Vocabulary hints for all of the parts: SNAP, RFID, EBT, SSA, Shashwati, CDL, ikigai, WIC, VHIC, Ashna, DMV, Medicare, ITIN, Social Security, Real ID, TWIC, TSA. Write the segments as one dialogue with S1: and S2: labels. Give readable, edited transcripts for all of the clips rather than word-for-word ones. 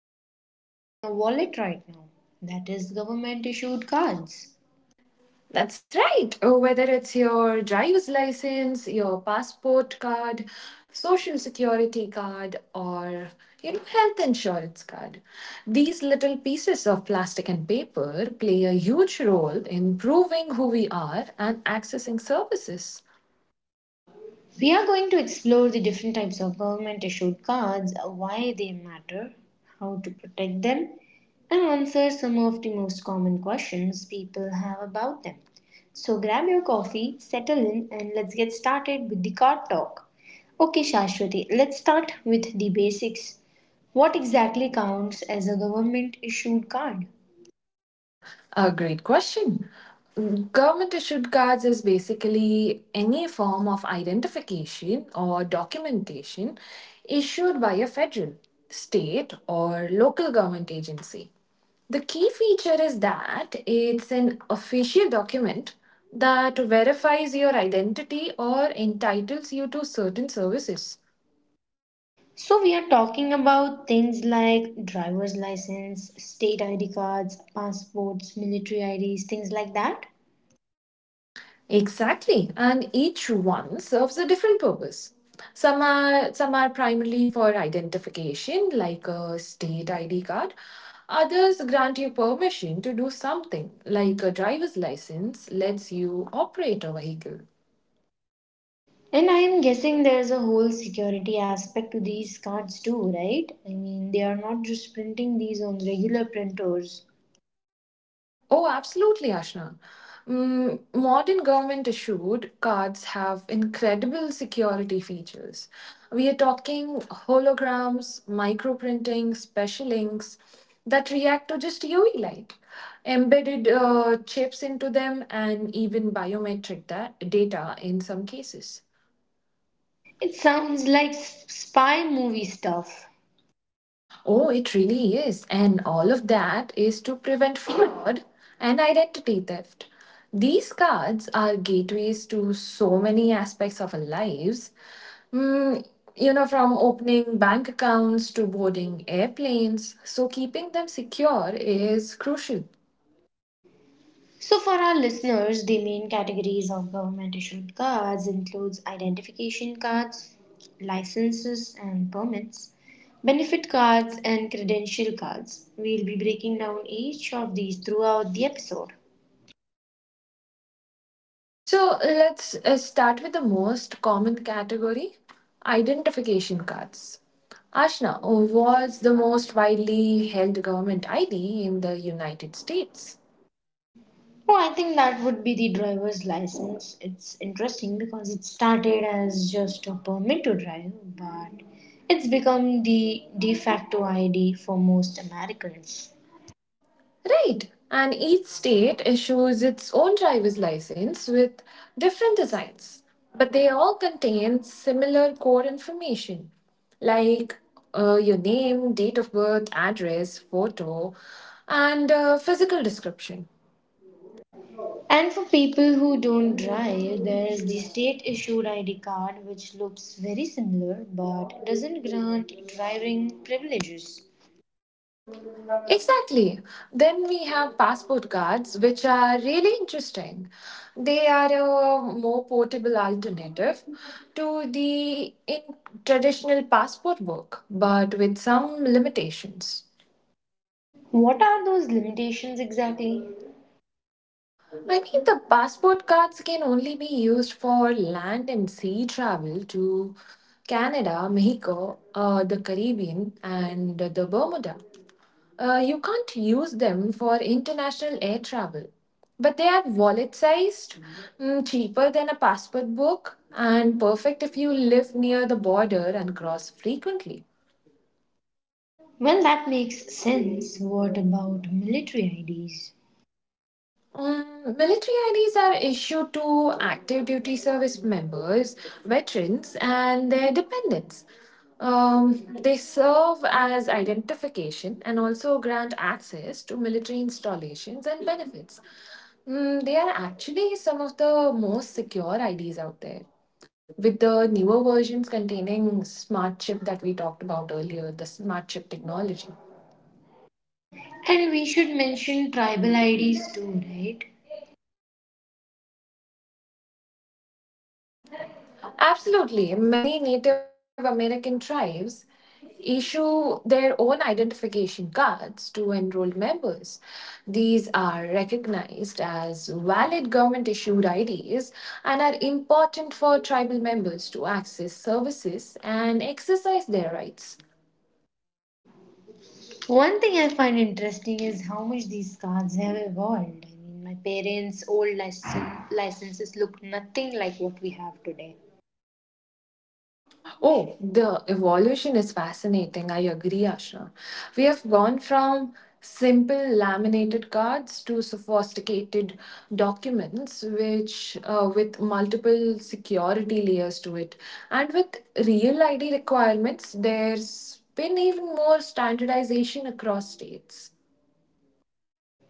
S1: you probably have in your wallet right now that is government issued cards.
S2: That's right. Oh, whether it's your driver's license, your passport card, social security card, or health insurance card. These little pieces of plastic and paper play a huge role in proving who we are and accessing services.
S1: We are going to explore the different types of government issued cards, why they matter, how to protect them, and answer some of the most common questions people have about them. So grab your coffee, settle in, and let's get started with the card talk. Okay, Shashwati, let's start with the basics. What exactly counts as a government issued card?
S2: A great question. Government issued cards is basically any form of identification or documentation issued by a federal, state, or local government agency. The key feature is that it's an official document that verifies your identity or entitles you to certain services.
S1: So we are talking about things like driver's license, state ID cards, passports, military IDs, things like that.
S2: Exactly, and each one serves a different purpose. Some are primarily for identification, like a state ID card. Others grant you permission to do something, like a driver's license lets you operate a vehicle.
S1: And I am guessing there is a whole security aspect to these cards too, right? I mean, they are not just printing these on regular printers.
S2: Oh, absolutely, Ashna. Modern government issued cards have incredible security features. We are talking holograms, microprinting, special inks that react to just UV light, embedded chips into them, and even biometric data in some cases.
S1: It sounds like spy movie stuff.
S2: Oh, it really is. And all of that is to prevent fraud and identity theft. These cards are gateways to so many aspects of our lives. Mm, from opening bank accounts to boarding airplanes. So, keeping them secure is crucial.
S1: So for our listeners, the main categories of government issued cards includes identification cards, licenses and permits, benefit cards and credential cards. We'll be breaking down each of these throughout the episode.
S2: So let's start with the most common category identification cards. Ashna was the most widely held government ID in the United States.
S1: Oh, I think that would be the driver's license. It's interesting because it started as just a permit to drive, but it's become the de facto ID for most Americans.
S2: Right, and each state issues its own driver's license with different designs, but they all contain similar core information like your name, date of birth, address, photo, and physical description.
S1: And for people who don't drive, there's the state issued ID card, which looks very similar but doesn't grant driving privileges.
S2: Exactly. Then we have passport cards, which are really interesting. They are a more portable alternative to the in traditional passport book, but with some limitations.
S1: What are those limitations exactly?
S2: I mean, the passport cards can only be used for land and sea travel to Canada, Mexico, the Caribbean, and the Bermuda. You can't use them for international air travel. But they are wallet sized, cheaper than a passport book, and perfect if you live near the border and cross frequently.
S1: Well, that makes sense. What about military IDs?
S2: Military IDs are issued to active duty service members, veterans, and their dependents. They serve as identification and also grant access to military installations and benefits. They are actually some of the most secure IDs out there, with the newer versions containing smart chip that we talked about earlier, the smart chip technology.
S1: And we should mention tribal IDs too, right?
S2: Absolutely. Many Native American tribes issue their own identification cards to enrolled members. These are recognized as valid government issued IDs and are important for tribal members to access services and exercise their rights.
S1: One thing I find interesting is how much these cards have evolved. I mean, my parents' old license, licenses look nothing like what we have today.
S2: Oh, the evolution is fascinating. I agree, Ashna. We have gone from simple laminated cards to sophisticated documents, which with multiple security layers to it, and with real ID requirements, there's been even more standardization across states.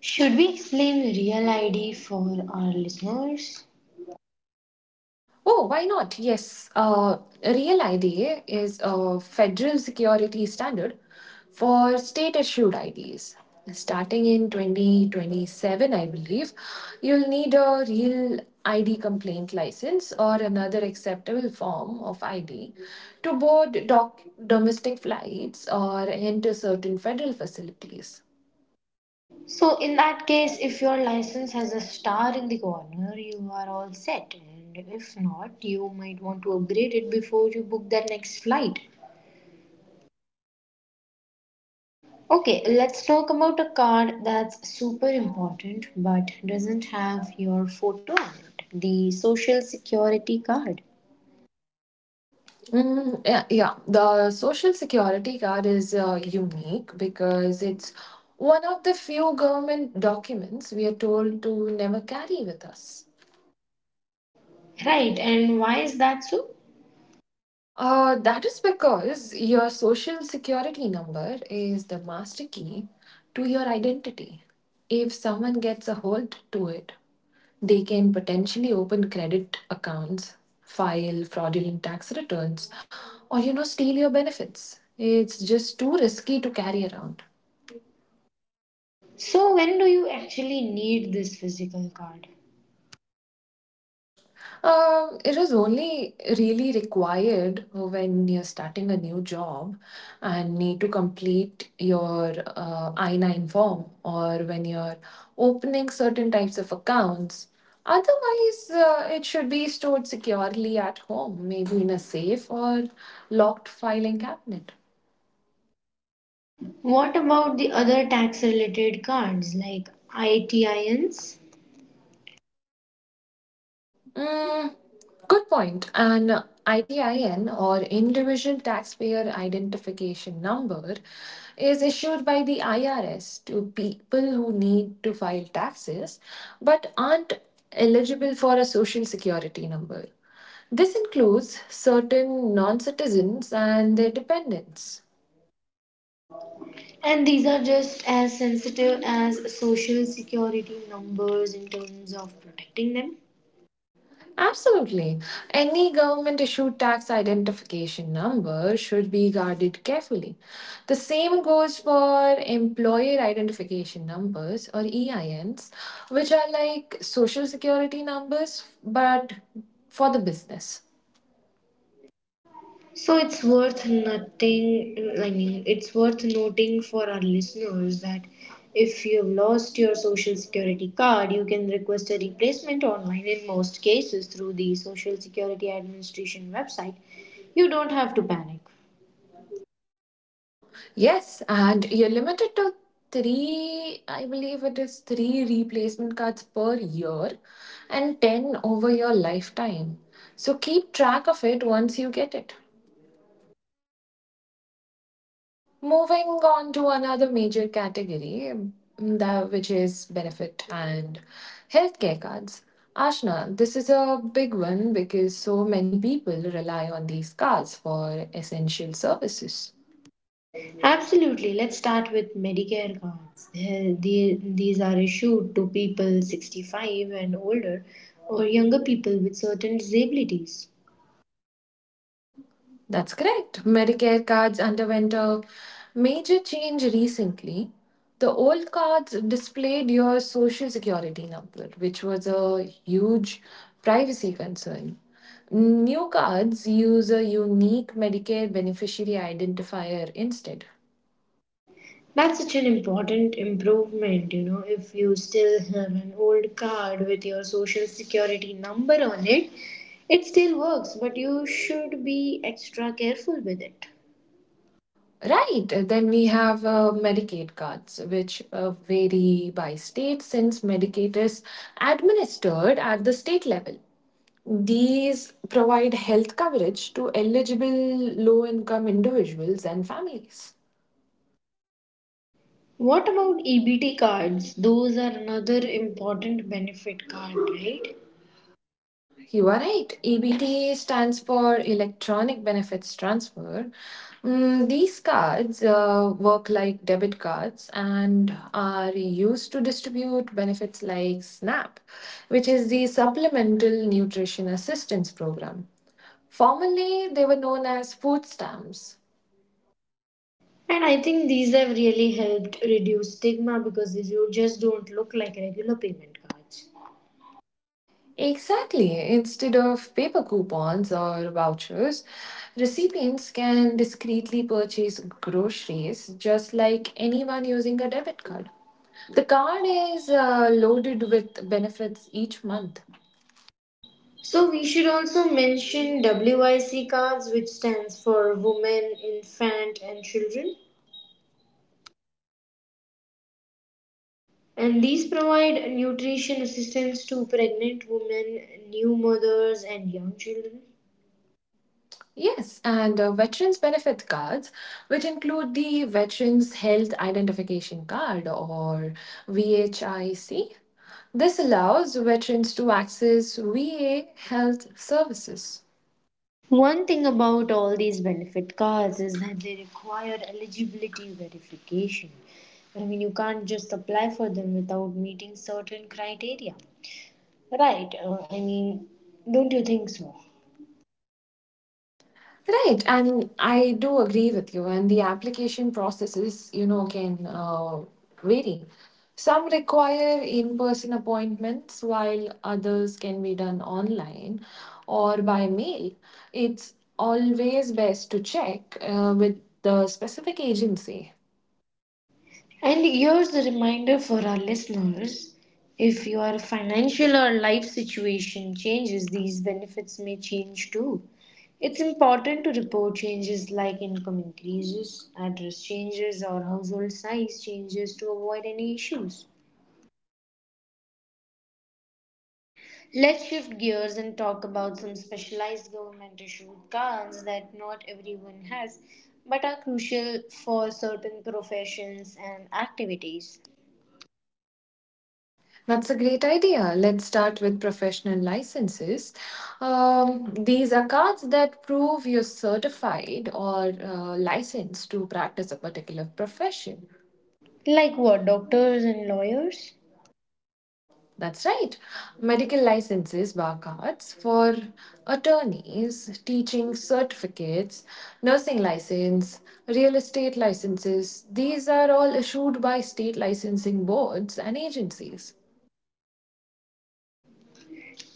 S1: Should we explain Real ID for our listeners?
S2: Oh, why not? Yes, Real IDA is a federal security standard for state issued IDs. Starting in 2027, I believe, you'll need a real ID complaint license or another acceptable form of ID to board domestic flights or enter certain federal facilities.
S1: So, in that case, if your license has a star in the corner, you are all set. And if not, you might want to upgrade it before you book that next flight. Okay, let's talk about a card that's super important but doesn't have your photo on it, the Social Security card.
S2: Yeah, the social security card is unique because it's one of the few government documents we are told to never carry with us.
S1: Right, and why is that so?
S2: That is because your social security number is the master key to your identity. If someone gets a hold to it, they can potentially open credit accounts, file fraudulent tax returns, or steal your benefits. It's just too risky to carry around.
S1: So, when do you actually need this physical card?
S2: It is only really required when you're starting a new job and need to complete your I 9 form or when you're opening certain types of accounts. Otherwise, it should be stored securely at home, maybe in a safe or locked filing cabinet.
S1: What about the other tax related cards like ITINs?
S2: Mm, Good point. An ITIN or Individual Taxpayer Identification Number is issued by the IRS to people who need to file taxes but aren't eligible for a social security number. This includes certain non citizens and their dependents.
S1: And these are just as sensitive as social security numbers in terms of protecting them.
S2: Absolutely. Any government issued tax identification number should be guarded carefully. The same goes for employer identification numbers or EINs, which are like social security numbers but for the business.
S1: So it's worth nothing, I mean, it's worth noting for our listeners that if you've lost your social security card, you can request a replacement online in most cases through the Social Security Administration website. You don't have to panic.
S2: Yes, and you're limited to three, I believe it is three replacement cards per year and 10 over your lifetime. So keep track of it once you get it. Moving on to another major category, that which is benefit and healthcare cards. Ashna, this is a big one because so many people rely on these cards for essential services.
S1: Absolutely. Let's start with Medicare cards. These are issued to people 65 and older or younger people with certain disabilities.
S2: That's correct. Medicare cards underwent a major change recently. The old cards displayed your social security number, which was a huge privacy concern. New cards use a unique Medicare beneficiary identifier instead.
S1: That's such an important improvement, you know. If you still have an old card with your social security number on it, it still works, but you should be extra careful with it.
S2: Right, then we have Medicaid cards, which vary by state since Medicaid is administered at the state level. These provide health coverage to eligible low income individuals and families.
S1: What about EBT cards? Those are another important benefit card, right?
S2: You are right. EBT stands for Electronic Benefits Transfer. These cards work like debit cards and are used to distribute benefits like SNAP, which is the Supplemental Nutrition Assistance Program. Formerly, they were known as food stamps.
S1: And I think these have really helped reduce stigma because you just don't look like regular payment cards.
S2: Exactly. Instead of paper coupons or vouchers, recipients can discreetly purchase groceries just like anyone using a debit card. The card is loaded with benefits each month.
S1: So we should also mention WIC cards, which stands for Women, Infant, and Children. And these provide nutrition assistance to pregnant women, new mothers, and young children.
S2: Yes, and veterans benefit cards, which include the Veterans Health Identification Card or VHIC. This allows veterans to access VA health services.
S1: One thing about all these benefit cards is that they require eligibility verification. I mean, you can't just apply for them without meeting certain criteria. Right, I mean, don't you think so?
S2: Right, and I do agree with you. And the application processes, can vary. Some require in person appointments, while others can be done online or by mail. It's always best to check with the specific agency.
S1: And here's the reminder for our listeners, if your financial or life situation changes, these benefits may change too. It's important to report changes like income increases, address changes, or household size changes to avoid any issues. Let's shift gears and talk about some specialized government issued cards that not everyone has but are crucial for certain professions and activities.
S2: That's a great idea. Let's start with professional licenses. These are cards that prove you're certified or licensed to practice a particular profession.
S1: Like what, doctors and lawyers?
S2: That's right. Medical licenses, bar cards for attorneys, teaching certificates, nursing license, real estate licenses. These are all issued by state licensing boards and agencies.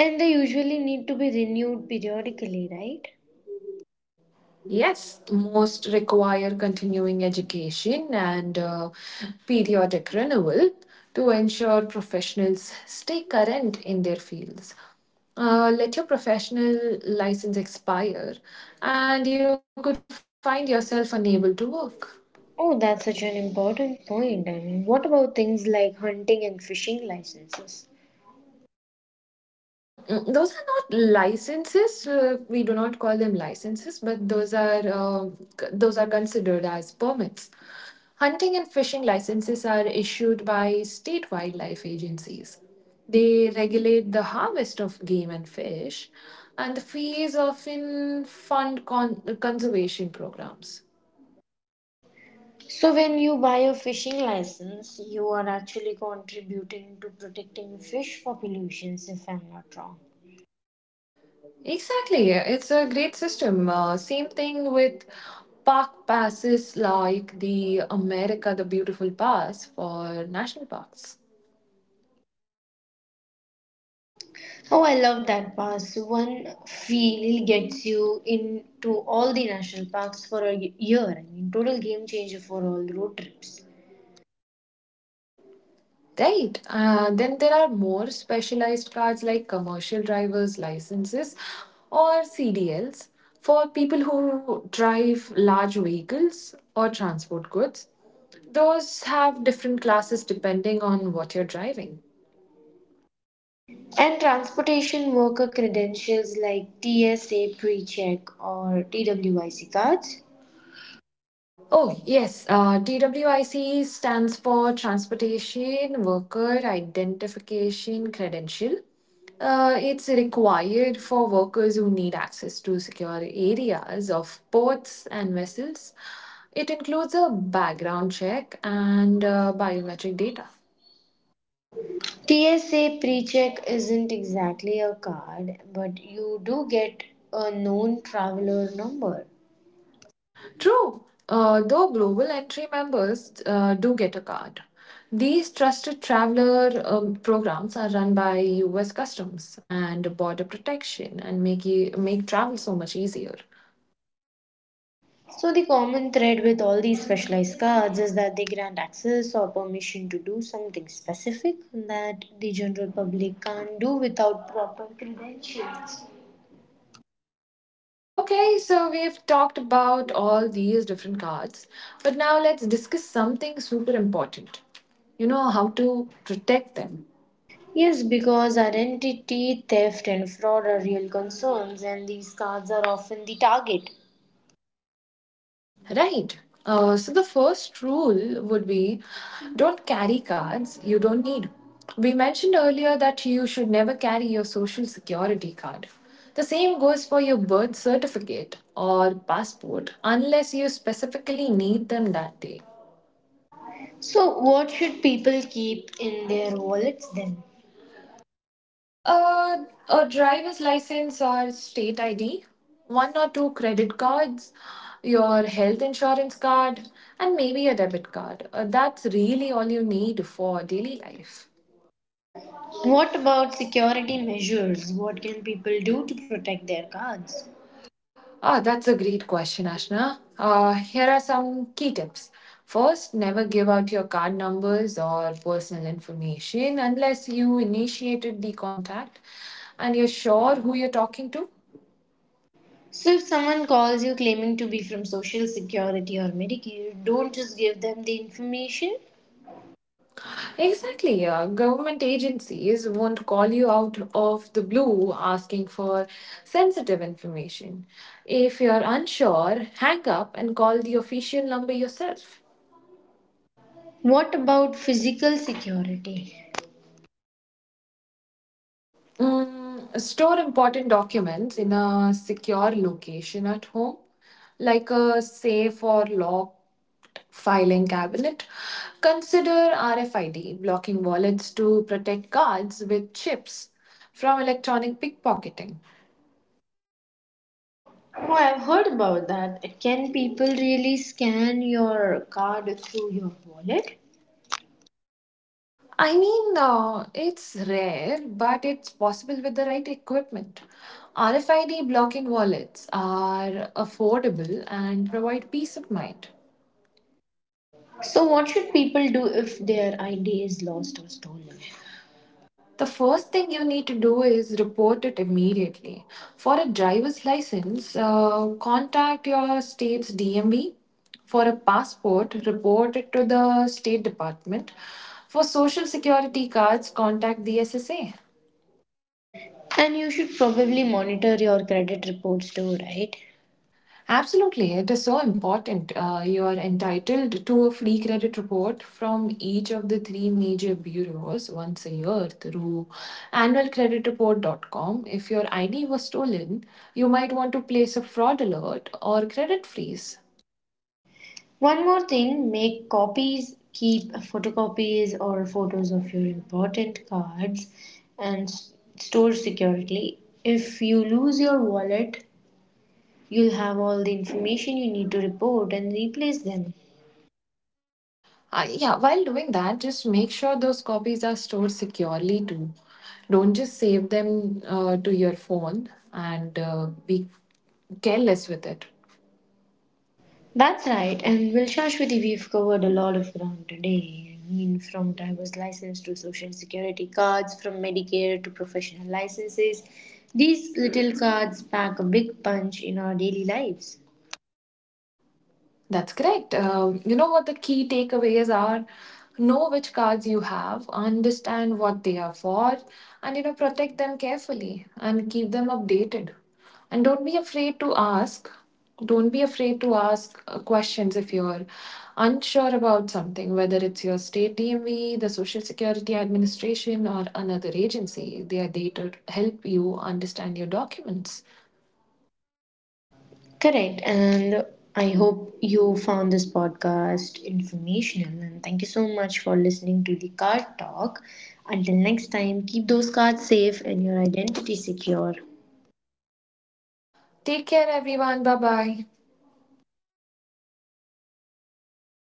S1: And they usually need to be renewed periodically, right?
S2: Yes, most require continuing education and periodic renewal to ensure professionals stay current in their fields. Let your professional license expire, and you could find yourself unable to work.
S1: Oh, that's such an important point. I mean, what about things like hunting and fishing licenses?
S2: Those are not licenses. We do not call them licenses, but those are those are considered as permits. Hunting and fishing licenses are issued by state wildlife agencies. They regulate the harvest of game and fish, and the fees often fund conservation programs.
S1: So, when you buy a fishing license, you are actually contributing to protecting fish populations, if I'm not wrong.
S2: Exactly. It's a great system. Same thing with park passes like the America the Beautiful Pass for national parks.
S1: Oh, I love that pass. One feel gets you into all the national parks for a year. I mean, total game changer for all road trips.
S2: Right. Then there are more specialized cards like commercial driver's licenses or CDLs for people who drive large vehicles or transport goods. Those have different classes depending on what you're driving.
S1: And transportation worker credentials like TSA pre-check or TWIC cards.
S2: Oh, yes. TWIC stands for Transportation Worker Identification Credential. It's required for workers who need access to secure areas of ports and vessels. It includes a background check and biometric data.
S1: TSA pre-check isn't exactly a card, but you do get a known traveler number.
S2: True, though global entry members do get a card. These trusted traveler programs are run by US Customs and Border Protection and make travel so much easier.
S1: So the common thread with all these specialized cards is that they grant access or permission to do something specific that the general public can't do without proper credentials.
S2: Okay, so we've talked about all these different cards, but now let's discuss something super important. You know, how to protect them.
S1: Yes, because identity theft and fraud are real concerns and these cards are often the target.
S2: Right. So the first rule would be don't carry cards you don't need. We mentioned earlier that you should never carry your social security card. The same goes for your birth certificate or passport unless you specifically need them that day.
S1: So what should people keep in their wallets then?
S2: Uh, a driver's license or state ID, one or two credit cards, your health insurance card, and maybe a debit card. That's really all you need for daily life.
S1: What about security measures? What can people do to protect their cards?
S2: Ah, that's a great question, Ashna. Here are some key tips. First, never give out your card numbers or personal information unless you initiated the contact and you're sure who you're talking to.
S1: So, if someone calls you claiming to be from Social Security or Medicare, don't just give them the information.
S2: Exactly. Government agencies won't call you out of the blue asking for sensitive information. If you're unsure, hang up and call the official number yourself.
S1: What about physical security?
S2: Store important documents in a secure location at home, like a safe or locked filing cabinet. Consider RFID, blocking wallets to protect cards with chips from electronic pickpocketing.
S1: Oh, I've heard about that. Can people really scan your card through your wallet?
S2: It's rare, but it's possible with the right equipment. RFID blocking wallets are affordable and provide peace of mind.
S1: So, what should people do if their ID is lost or stolen?
S2: The first thing you need to do is report it immediately. For a driver's license, contact your state's DMV. For a passport, report it to the State Department. For social security cards, contact the SSA.
S1: And you should probably monitor your credit reports too, right?
S2: Absolutely, it is so important. You are entitled to a free credit report from each of the three major bureaus once a year through annual credit annualcreditreport.com. If your ID was stolen, you might want to place a fraud alert or credit freeze.
S1: One more thing, make copies, keep photocopies or photos of your important cards and store securely. If you lose your wallet, you'll have all the information you need to report and replace them.
S2: Yeah, while doing that, just make sure those copies are stored securely too. Don't just save them to your phone and be careless with it.
S1: That's right, and well, Shashwati, we've covered a lot of ground today. I mean, from driver's license to social security cards, from Medicare to professional licenses. These little cards pack a big punch in our daily lives.
S2: That's correct. You know what the key takeaways are? Know which cards you have, understand what they are for, and protect them carefully and keep them updated. And don't be afraid to ask. Don't be afraid to ask questions if you're unsure about something, whether it's your state DMV, the Social Security Administration, or another agency. They are there to help you understand your documents.
S1: Correct. And I hope you found this podcast informational. And thank you so much for listening to the card talk. Until next time, keep those cards safe and your identity secure.
S2: Take care, everyone. Bye bye.